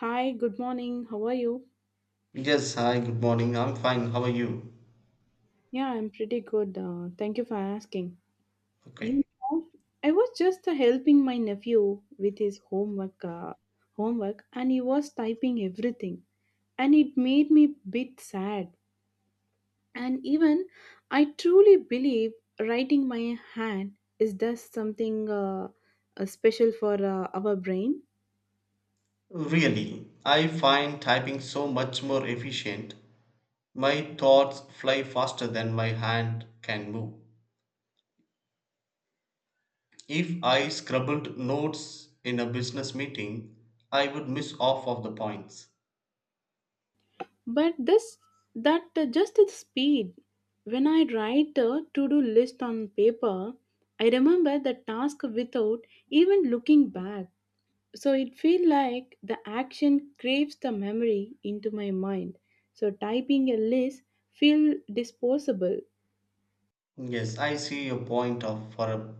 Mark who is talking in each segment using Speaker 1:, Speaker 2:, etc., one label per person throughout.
Speaker 1: Hi, good morning. How are you?
Speaker 2: Yes, hi, good morning. I'm fine. How are you?
Speaker 1: Yeah, I'm pretty good. Thank you for asking. You
Speaker 2: Okay.
Speaker 1: know, I was just helping my nephew with his homework, homework, and he was typing everything, and it made me bit sad. And even I truly believe writing by hand is thus something special for our brain.
Speaker 2: Really, I find typing so much more efficient. My thoughts fly faster than my hand can move. If I scribbled notes in a business meeting, I would miss off of the points.
Speaker 1: But this that just the speed when I write a to-do list on paper, I remember the task without even looking back. So it feels like the action craves the memory into my mind. So typing a list feel disposable.
Speaker 2: Yes, I see your point of for a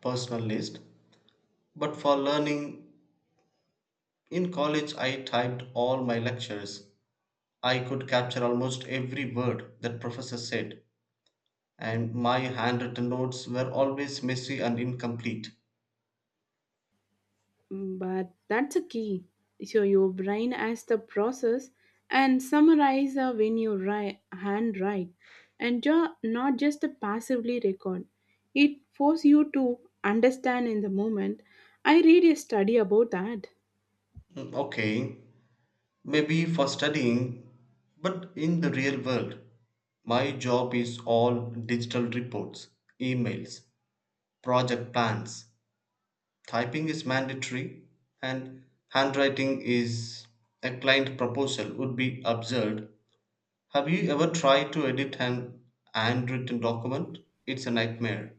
Speaker 2: personal list, but for learning in college I typed all my lectures. I could capture almost every word that professor said. And my handwritten notes were always messy and incomplete.
Speaker 1: Mm, but that's a key. So your brain as the process and summarize when you write, handwrite and not just a passively record. It force you to understand in the moment. I read a study about that.
Speaker 2: Mm, okay, maybe for studying, but in the real world, my job is all digital reports, emails, project plans. Typing is mandatory, and handwriting is a client proposal would be absurd. Have you ever tried to edit an handwritten document? It's a nightmare.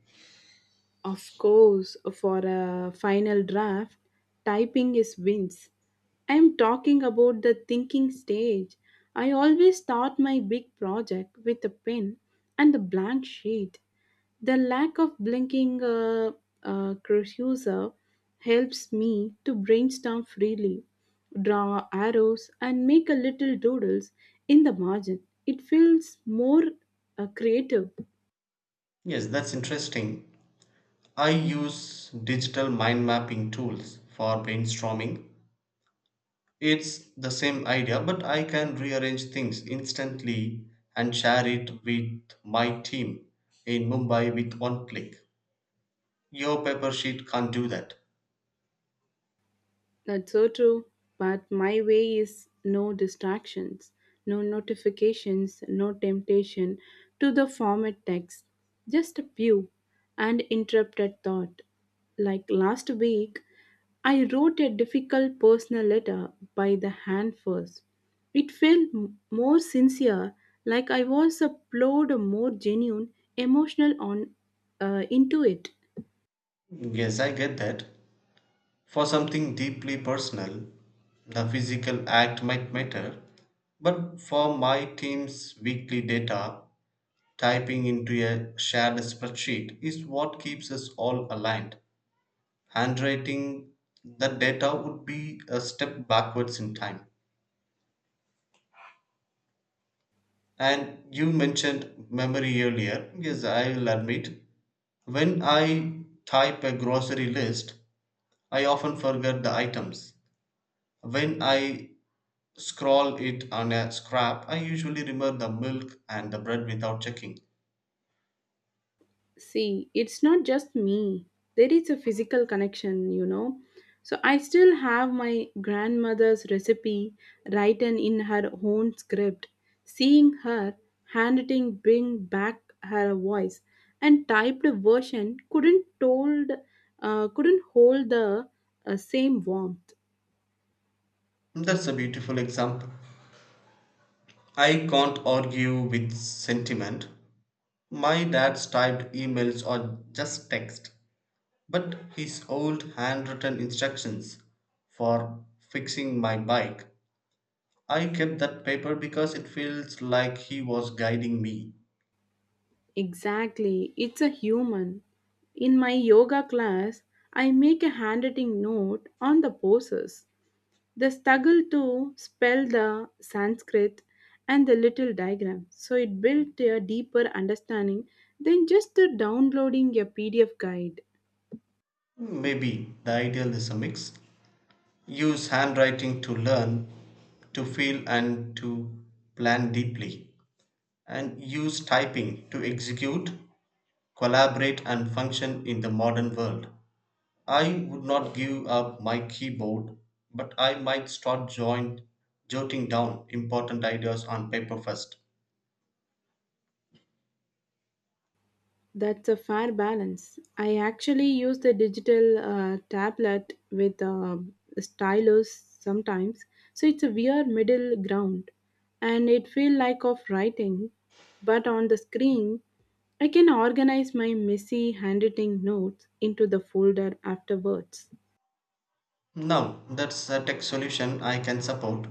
Speaker 1: Of course, for a final draft, typing is wins. I am talking about the thinking stage. I always start my big project with a pen and a blank sheet. The lack of blinking cursor helps me to brainstorm freely, draw arrows, and make a little doodles in the margin. It feels more creative.
Speaker 2: Yes, that's interesting. I use digital mind mapping tools for brainstorming. It's the same idea, but I can rearrange things instantly and share it with my team in Mumbai with one click. Your paper sheet can't do that.
Speaker 1: That's so true. But my way is no distractions, no notifications, no temptation to the format text, just a few and interrupted thought. Like last week, I wrote a difficult personal letter by the hand first. It felt more sincere, like I was upload a more genuine emotional on into it.
Speaker 2: Yes, I get that. For something deeply personal, the physical act might matter, but for my team's weekly data, typing into a shared spreadsheet is what keeps us all aligned. Handwriting, that data would be a step backwards in time. And you mentioned memory earlier. Yes, I'll admit, when I type a grocery list, I often forget the items. When I scroll it on a scrap, I usually remember the milk and the bread without checking.
Speaker 1: See, it's not just me. There is a physical connection, you know. So I still have my grandmother's recipe written in her own script. Seeing her handwriting bring back her voice and typed version couldn't hold the same warmth.
Speaker 2: That's a beautiful example. I can't argue with sentiment. My dad's typed emails or just text. But his old handwritten instructions for fixing my bike, I kept that paper because it feels like he was guiding me.
Speaker 1: Exactly, it's a human. In my yoga class, I make a handwriting note on the poses. The struggle to spell the Sanskrit and the little diagram, so it built a deeper understanding than just the downloading a PDF guide.
Speaker 2: Maybe the ideal is a mix. Use handwriting to learn, to feel, and to plan deeply. And use typing to execute, collaborate, and function in the modern world. I would not give up my keyboard, but I might start jotting down important ideas on paper first.
Speaker 1: That's a fair balance. I actually use the digital tablet with stylus sometimes, so it's a weird middle ground, and it feel like of writing, but on the screen, I can organize my messy handwriting notes into the folder afterwards.
Speaker 2: Now, that's a tech solution I can support.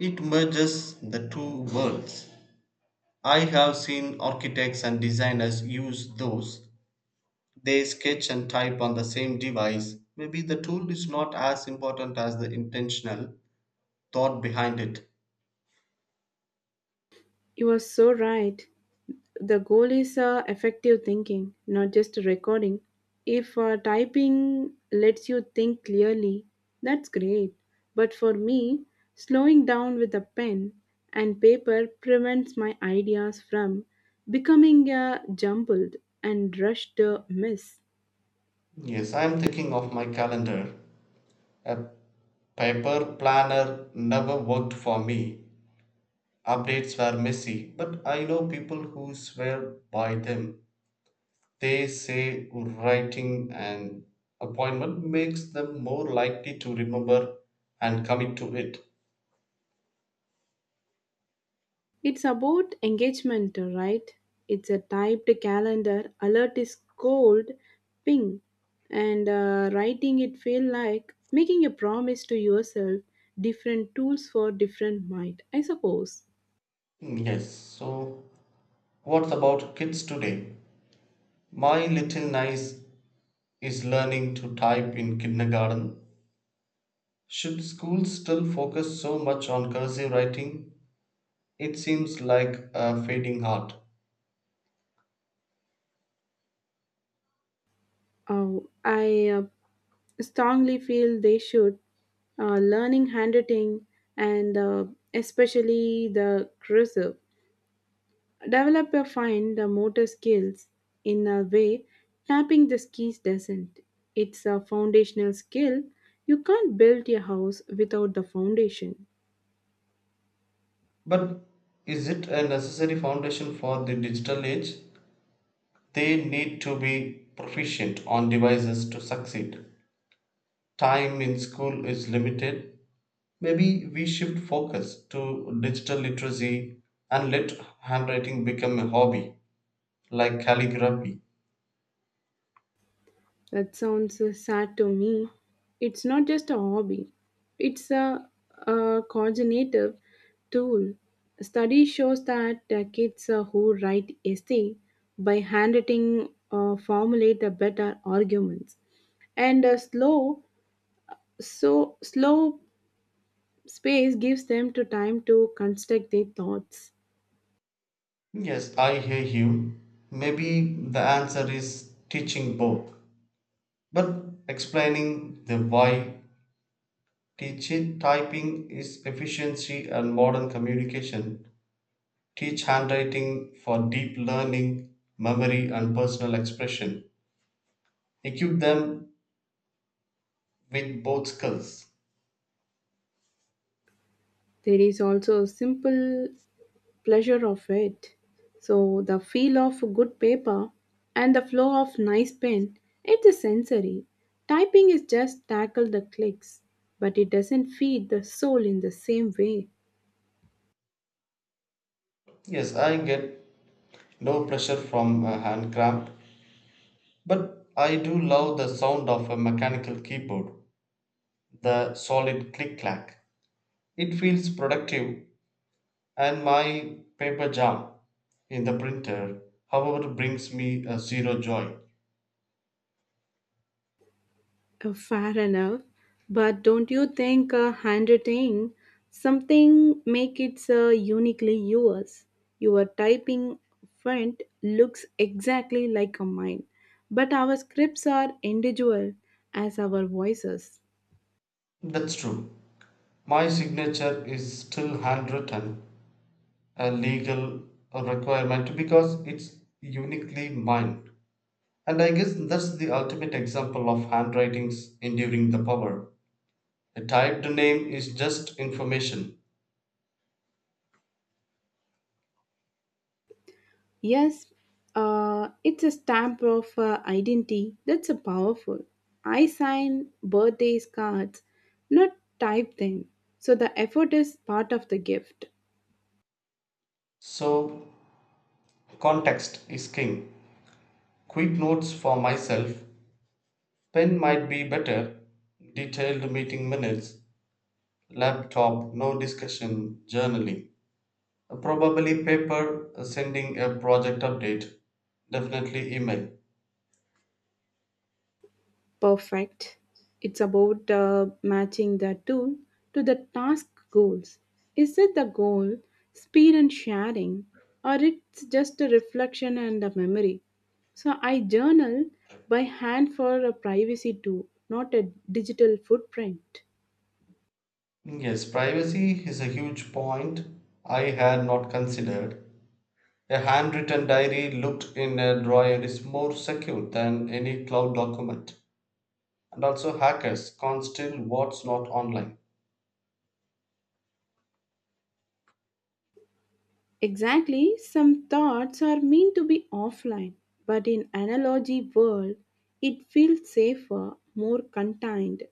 Speaker 2: It merges the two worlds. I have seen architects and designers use those. They sketch and type on the same device. Maybe the tool is not as important as the intentional thought behind it.
Speaker 1: You are so right. The goal is effective thinking, not just recording. If typing lets you think clearly, that's great. But for me, slowing down with a pen and paper prevents my ideas from becoming a jumbled and rushed mess.
Speaker 2: Yes, I'm thinking of my calendar, a paper planner never worked for me. Updates were messy, but I know people who swear by them. They say writing an appointment makes them more likely to remember and commit to it.
Speaker 1: It's about engagement, right? It's a typed calendar, alert is cold, ping, and writing it feel like making a promise to yourself. Different tools for different mind, I suppose.
Speaker 2: Mm, yes, so what about kids today? My little niece is learning to type in kindergarten. Should schools still focus so much on cursive writing? It seems like a fading art.
Speaker 1: Oh, I strongly feel they should learning handwriting and especially the cursive. Developer find the motor skills in a way tapping the skis doesn't. It's a foundational skill. You can't build a house without the foundation.
Speaker 2: But is it a necessary foundation for the digital age? They need to be proficient on devices to succeed. Time in school is limited. Maybe we shift focus to digital literacy and let handwriting become a hobby like calligraphy.
Speaker 1: That sounds sad to me. It's not just a hobby, it's a, a cognitive tool. Study shows that the kids who write essay by handwriting formulate the better arguments and slow so slow space gives them to time to construct their thoughts.
Speaker 2: Yes, I hear you. Maybe the answer is teaching both, but explaining the why. Teaching typing is efficiency and modern communication. Teach handwriting for deep learning, memory, and personal expression. Equip them with both skills.
Speaker 1: There is also a simple pleasure of it. So the feel of good paper and the flow of nice pen, it is sensory. Typing is just tackle the clicks, but it doesn't feed the soul in the same way.
Speaker 2: Yes, I get no pressure from a hand cramp, but I do love the sound of a mechanical keyboard, the solid click clack. It feels productive, and my paper jam in the printer, however, brings me a zero joy.
Speaker 1: Fair enough, but don't you think handwriting something make it uniquely yours? Your typing font looks exactly like a mine, but our scripts are individual as our voices.
Speaker 2: That's true. My signature is still handwritten, a legal requirement because it's uniquely mine. And I guess that's the ultimate example of handwriting's enduring the power. A typed name is just information.
Speaker 1: Yes, it's a stamp of identity that's a powerful. I sign birthdays cards, not type them. So the effort is part of the gift.
Speaker 2: So, context is king. Quick notes for myself. Pen might be better. Detailed meeting minutes. Laptop, no discussion, journaling. Probably paper, sending a project update. Definitely email.
Speaker 1: Perfect. It's about matching the tool to the task goals. Is it the goal, speed and sharing, or it's just a reflection and a memory? So I journal by hand for a privacy too, not a digital footprint.
Speaker 2: Yes, privacy is a huge point I had not considered. A handwritten diary looked in a drawer is more secure than any cloud document. And also, hackers can't steal what's not online.
Speaker 1: Exactly, some thoughts are meant to be offline, but in analogy world, it feels safer, more contained.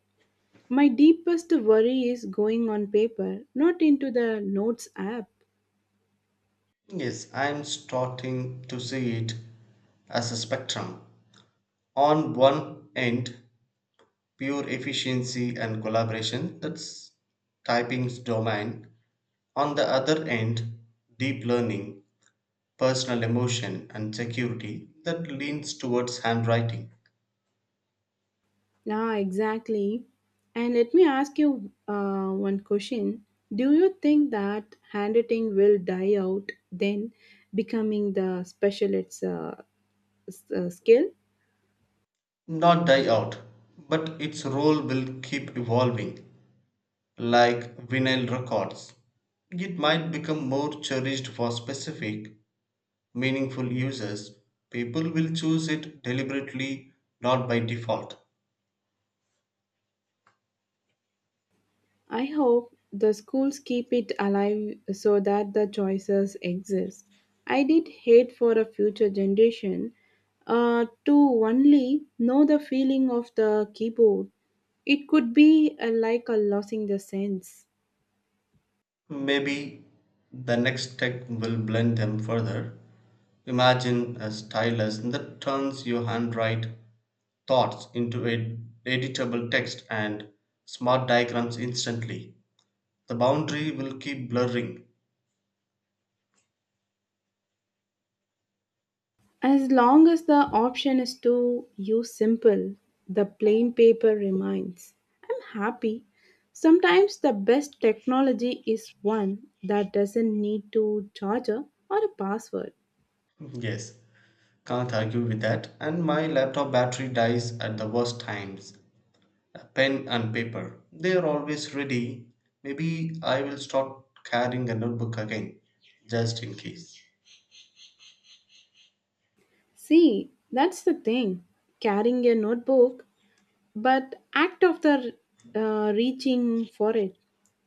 Speaker 1: My deepest worry is going on paper, not into the notes app.
Speaker 2: Yes, I'm starting to see it as a spectrum. On one end, pure efficiency and collaboration, that's typing's domain. On the other end, deep learning, personal emotion and security that leans towards handwriting,
Speaker 1: Ah, exactly. And let me ask you one question. Do you think that handwriting will die out then becoming the special skill?
Speaker 2: not die out, but its role will keep evolving, like vinyl records. It might become more cherished for specific, meaningful uses. People will choose it deliberately, not by default.
Speaker 1: I hope the schools keep it alive so that the choices exist. I did hate for a future generation to only know the feeling of the keyboard. It could be like a losing the sense.
Speaker 2: Maybe the next tech will blend them further. Imagine a stylus that turns your handwrite thoughts into a editable text and smart diagrams instantly. The boundary will keep blurring.
Speaker 1: As long as the option is to use simple, the plain paper remains. I'm happy. Sometimes the best technology is one that doesn't need to charger or a password.
Speaker 2: Yes, can't argue with that. And my laptop battery dies at the worst times. A pen and paper, they are always ready. Maybe I will start carrying a notebook again, just in case.
Speaker 1: See, that's the thing. Carrying a notebook, but act of the reaching for it,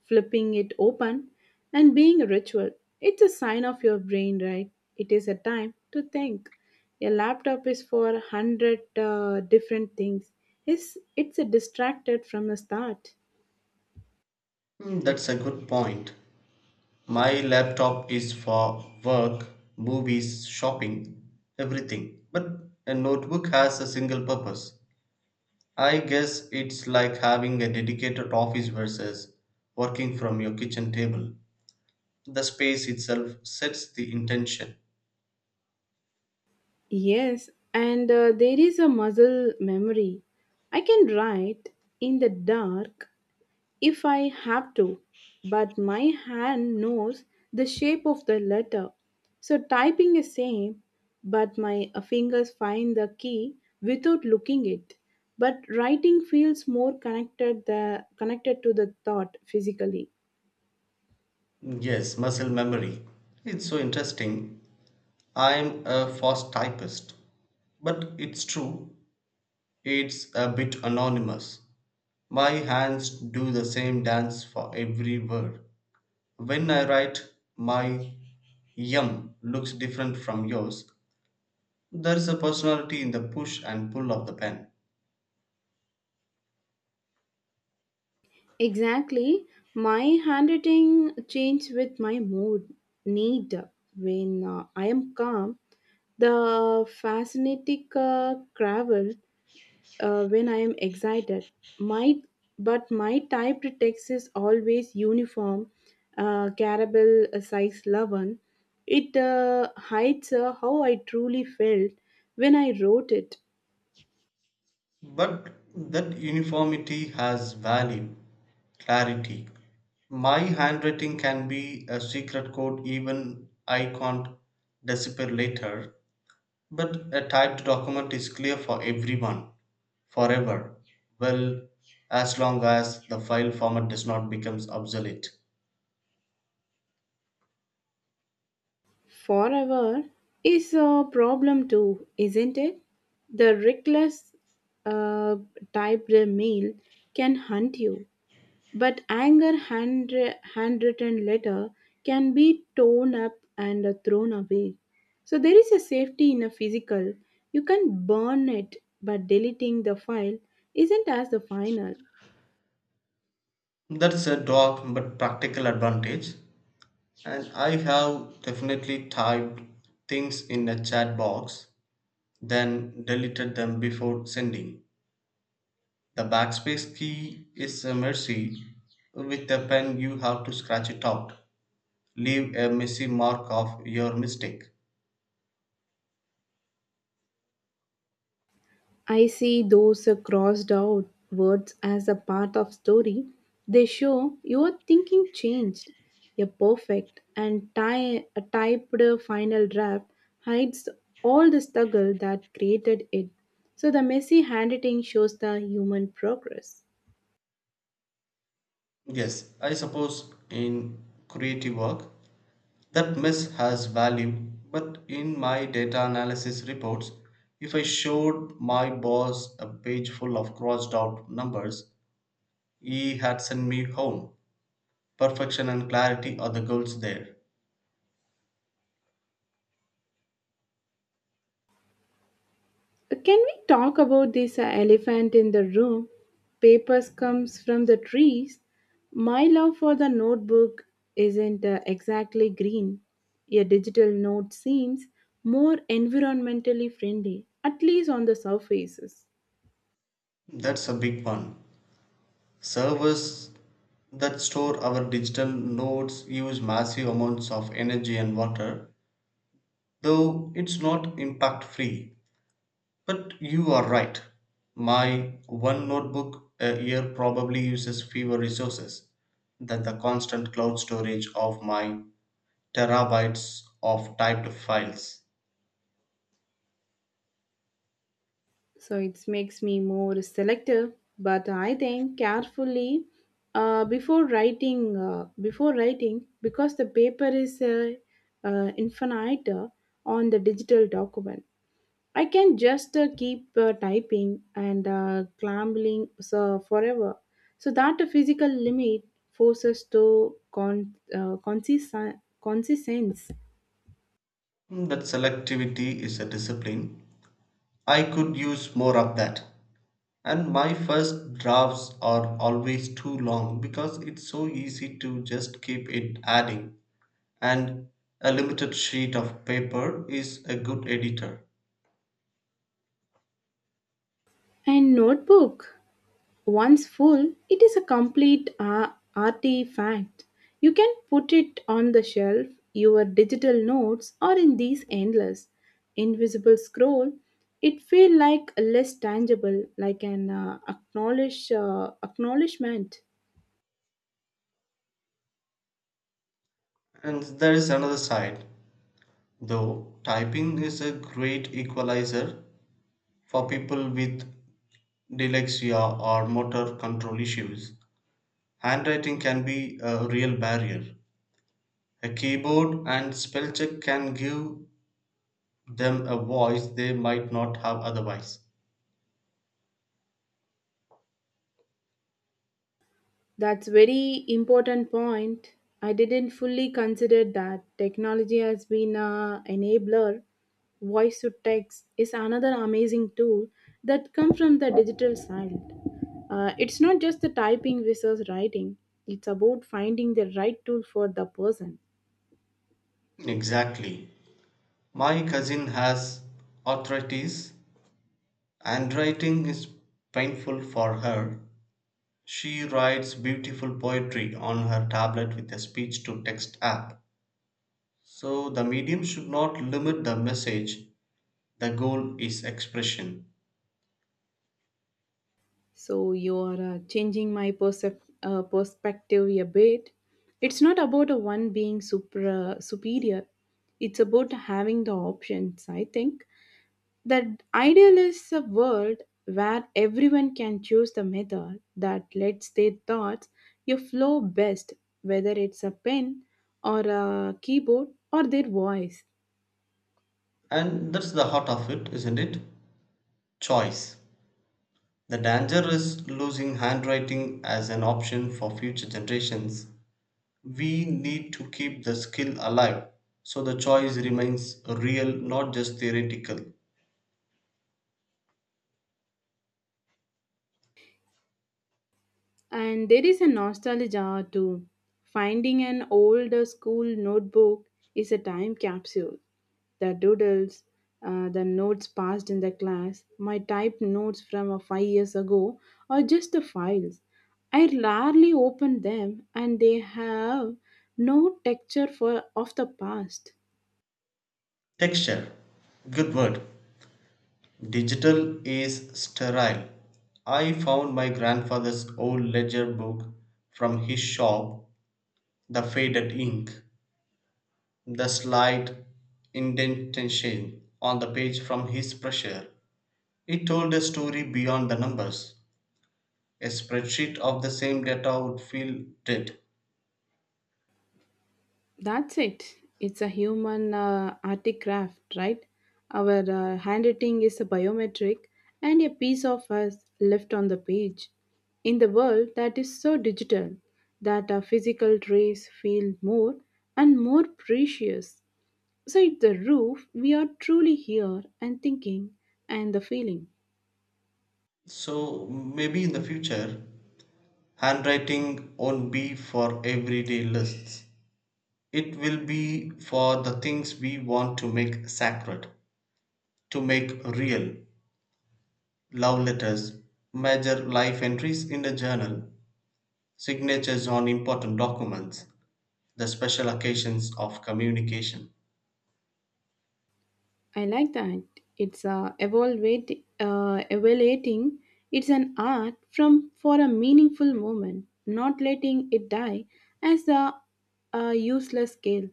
Speaker 1: flipping it open, and being a ritual, it's a sign of your brain, right? It is a time to think. Your laptop is for a hundred different things. It's a distracted from the start.
Speaker 2: Hmm, that's a good point. My laptop is for work, movies, shopping, everything. But a notebook has a single purpose. I guess it's like having a dedicated office versus working from your kitchen table. The space itself sets the intention.
Speaker 1: Yes, and there is a muscle memory. I can write in the dark if I have to, but my hand knows the shape of the letter. So typing is same, but my fingers find the key without looking it. But writing feels more connected to the thought physically.
Speaker 2: Yes, muscle memory. It's so interesting. I'm a fast typist. But it's true, it's a bit anonymous. My hands do the same dance for every word. When I write, my yum looks different from yours. There is a personality in the push and pull of the pen.
Speaker 1: Exactly, my handwriting changes with my mood. Need when I am calm, the fascinating cravel when I am excited. My but my typed text is always uniform, caramel size 11. It hides how I truly felt when I wrote it.
Speaker 2: But that uniformity has value, clarity. My handwriting can be a secret code even I can't decipher later. But a typed document is clear for everyone, forever, well, as long as the file format does not become obsolete.
Speaker 1: Forever is a problem too, isn't it? The reckless uh, typed mail can hunt you. But handwritten letter can be torn up and thrown away. So there is a safety in a physical. You can burn it, but deleting the file isn't as the final.
Speaker 2: That's a dark but practical advantage. And I have definitely typed things in a chat box, then deleted them before sending. The backspace key is a mercy. With a pen, you have to scratch it out, leave a messy mark of your mistake.
Speaker 1: I see those crossed out words as a part of story. They show your thinking changed. A perfect a typed final draft hides all the struggle that created it. So the messy handwriting shows the human progress.
Speaker 2: Yes, I suppose in creative work that mess has value, but in my data analysis reports, if I showed my boss a page full of crossed out numbers, he had sent me home. Perfection and clarity are the goals there.
Speaker 1: Can we talk about this elephant in the room? Papers comes from the trees. My love for the notebook isn't exactly green. A digital note seems more environmentally friendly, at least on the surfaces.
Speaker 2: That's a big one. Servers that store our digital nodes use massive amounts of energy and water, though it's not impact free. But you are right. My one notebook a year probably uses fewer resources than the constant cloud storage of my terabytes of typed files.
Speaker 1: So it makes me more selective, but I think carefully before writing, because the paper is infinite on the digital document. I can just keep typing and clambling so forever. So that a physical limit forces to consistence.
Speaker 2: That selectivity is a discipline. I could use more of that. And my first drafts are always too long because it's so easy to just keep it adding. And a limited sheet of paper is a good editor.
Speaker 1: And notebook, once full, it is a complete artifact. You can put it on the shelf, your digital notes, or in these endless invisible scroll. It feel like less tangible, like an acknowledgement.
Speaker 2: And there is another side. Though typing is a great equalizer for people with dyslexia or motor control issues, handwriting can be a real barrier. A keyboard and spell check can give them a voice they might not have otherwise.
Speaker 1: That's very important point. I didn't fully consider that technology has been a enabler. Voice to text is another amazing tool that comes from the digital side. It's not just the typing versus writing. It's about finding the right tool for the person.
Speaker 2: Exactly. My cousin has arthritis, and writing is painful for her. She writes beautiful poetry on her tablet with a speech to text app. So the medium should not limit the message. The goal is expression.
Speaker 1: So you are changing my perspective a bit. It's not about a one being superior. It's about having the options, I think. The ideal is a world where everyone can choose the method that lets their thoughts you flow best, whether it's a pen or a keyboard or their voice.
Speaker 2: And that's the heart of it, isn't it? Choice. The danger is losing handwriting as an option for future generations. We need to keep the skill alive so the choice remains real, not just theoretical.
Speaker 1: And there is a nostalgia too. Finding an old school notebook is a time capsule. The doodles, the notes passed in the class, my typed notes from 5 years ago, or just the files. I rarely open them, and they have no texture for of the past.
Speaker 2: Texture. Good word. Digital is sterile. I found my grandfather's old ledger book from his shop. The faded ink, the slight indentation on the page from his pressure, it told a story beyond the numbers. A spreadsheet of the same data would feel dead.
Speaker 1: That's it. It's a human artic craft, right? Our handwriting is a biometric and a piece of us left on the page. In the world that is so digital, that our physical trace feel more and more precious. So it's the roof we are truly here and thinking and the feeling.
Speaker 2: So maybe in the future, handwriting won't be for everyday lists. It will be for the things we want to make sacred, to make real. Love letters, major life entries in a journal, signatures on important documents, the special occasions of communication.
Speaker 1: I like that. It's evaluating. It's an art from for a meaningful moment, not letting it die as a useless skill,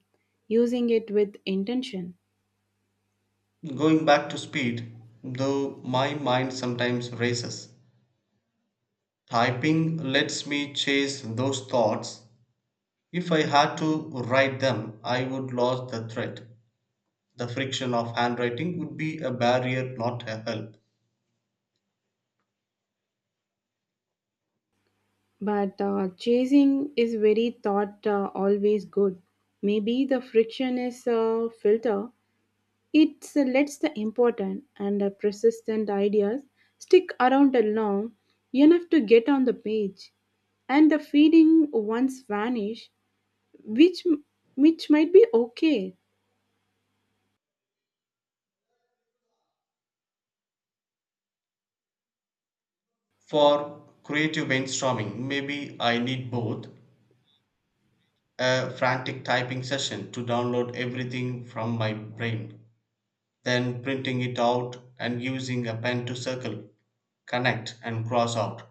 Speaker 1: using it with intention.
Speaker 2: Going back to speed, though my mind sometimes races, typing lets me chase those thoughts. If I had to write them, I would lose the thread. The friction of handwriting would be a barrier, not a help.
Speaker 1: But chasing is very thought always good. Maybe the friction is a filter. It lets the important and the persistent ideas stick around long enough to get on the page, and the feeling once vanish, which which might be okay.
Speaker 2: For creative brainstorming, maybe I need both a frantic typing session to download everything from my brain. Then printing it out and using a pen to circle, connect, and cross out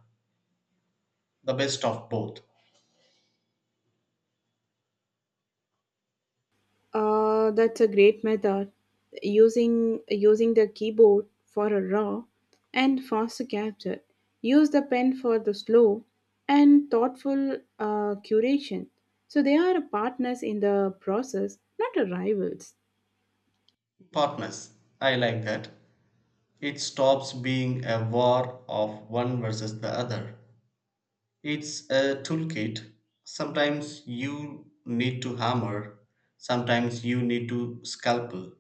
Speaker 2: the best of both.
Speaker 1: That's a great method. Using the keyboard for a raw and fast capture. Use the pen for the slow and thoughtful curation. So they are partners in the process, not rivals.
Speaker 2: Partners. I like that. It stops being a war of one versus the other. It's a toolkit. Sometimes you need to hammer, sometimes you need to scalpel.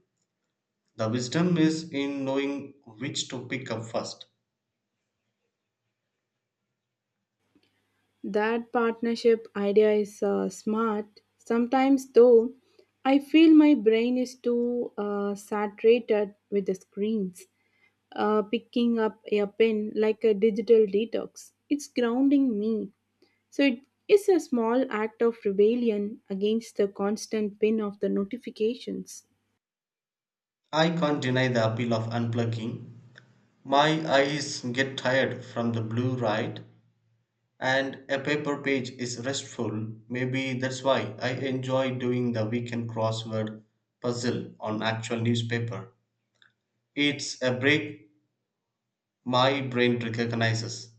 Speaker 2: The wisdom is in knowing which to pick up first.
Speaker 1: That partnership idea is smart. Sometimes, though, I feel my brain is too saturated with the screens. Picking up a pen like a digital detox, it's grounding me. So it is a small act of rebellion against the constant pin of the notifications.
Speaker 2: I can't deny the appeal of unplugging. My eyes get tired from the blue light, and a paper page is restful. Maybe that's why I enjoy doing the weekend crossword puzzle on actual newspaper. It's a break my brain recognizes.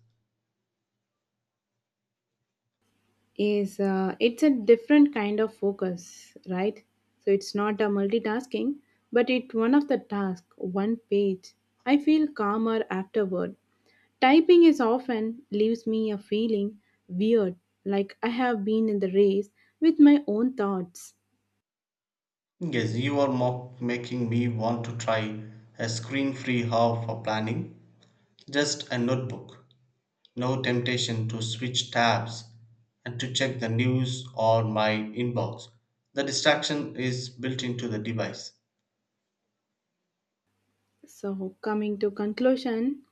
Speaker 1: Is it's a different kind of focus, right? So it's not a multitasking, but it's one of the task one page. I feel calmer afterward. Typing is often leaves me a feeling weird, like I have been in the race with my own thoughts.
Speaker 2: Yes, you are making me want to try a screen free hub for planning, just a notebook. No temptation to switch tabs and to check the news or my inbox. The distraction is built into the device.
Speaker 1: So, coming to conclusion,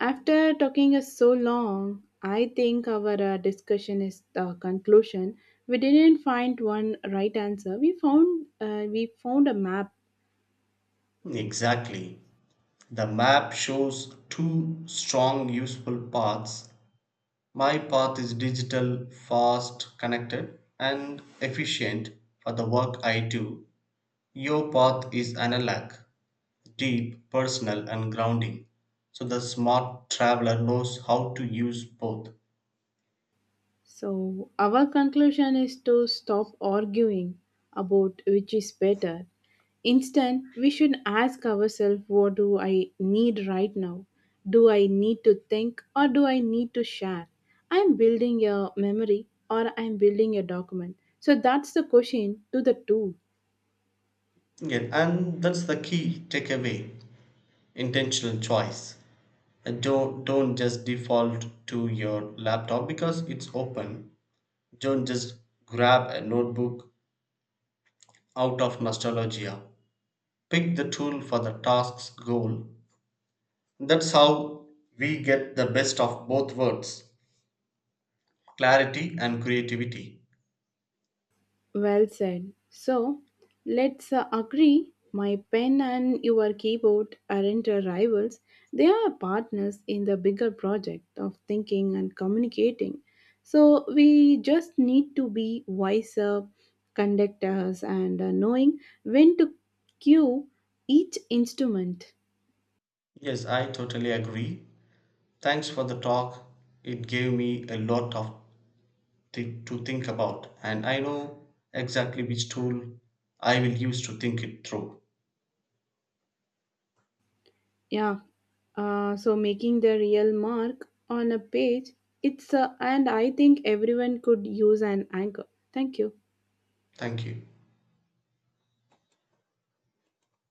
Speaker 1: after talking us so long, I think our discussion is the conclusion. We didn't find one right answer. We found a map.
Speaker 2: Exactly. The map shows two strong useful paths. My path is digital, fast, connected, and efficient for the work I do. Your path is analog, deep, personal, and grounding. So the smart traveler knows how to use both.
Speaker 1: So, our conclusion is to stop arguing about which is better. Instead, we should ask ourselves, what do I need right now? Do I need to think or do I need to share? I'm building a memory or I'm building a document. So, that's the question to the two.
Speaker 2: Yeah, and that's the key takeaway intentional choice. Don't just default to your laptop because it's open. Don't just grab a notebook out of nostalgia. Pick the tool for the task's goal. That's how we get the best of both worlds clarity and creativity.
Speaker 1: Well said. So let's agree my pen and your keyboard aren't rivals, they are partners in the bigger project of thinking and communicating. So we just need to be wiser conductors and knowing when to cue each instrument.
Speaker 2: Yes, I totally agree. Thanks for the talk. It gave me a lot of to think about, and I know exactly which tool I will use to think it through.
Speaker 1: Yeah. So making the real mark on a page, it's and I think everyone could use an anchor. Thank you.
Speaker 2: Thank you.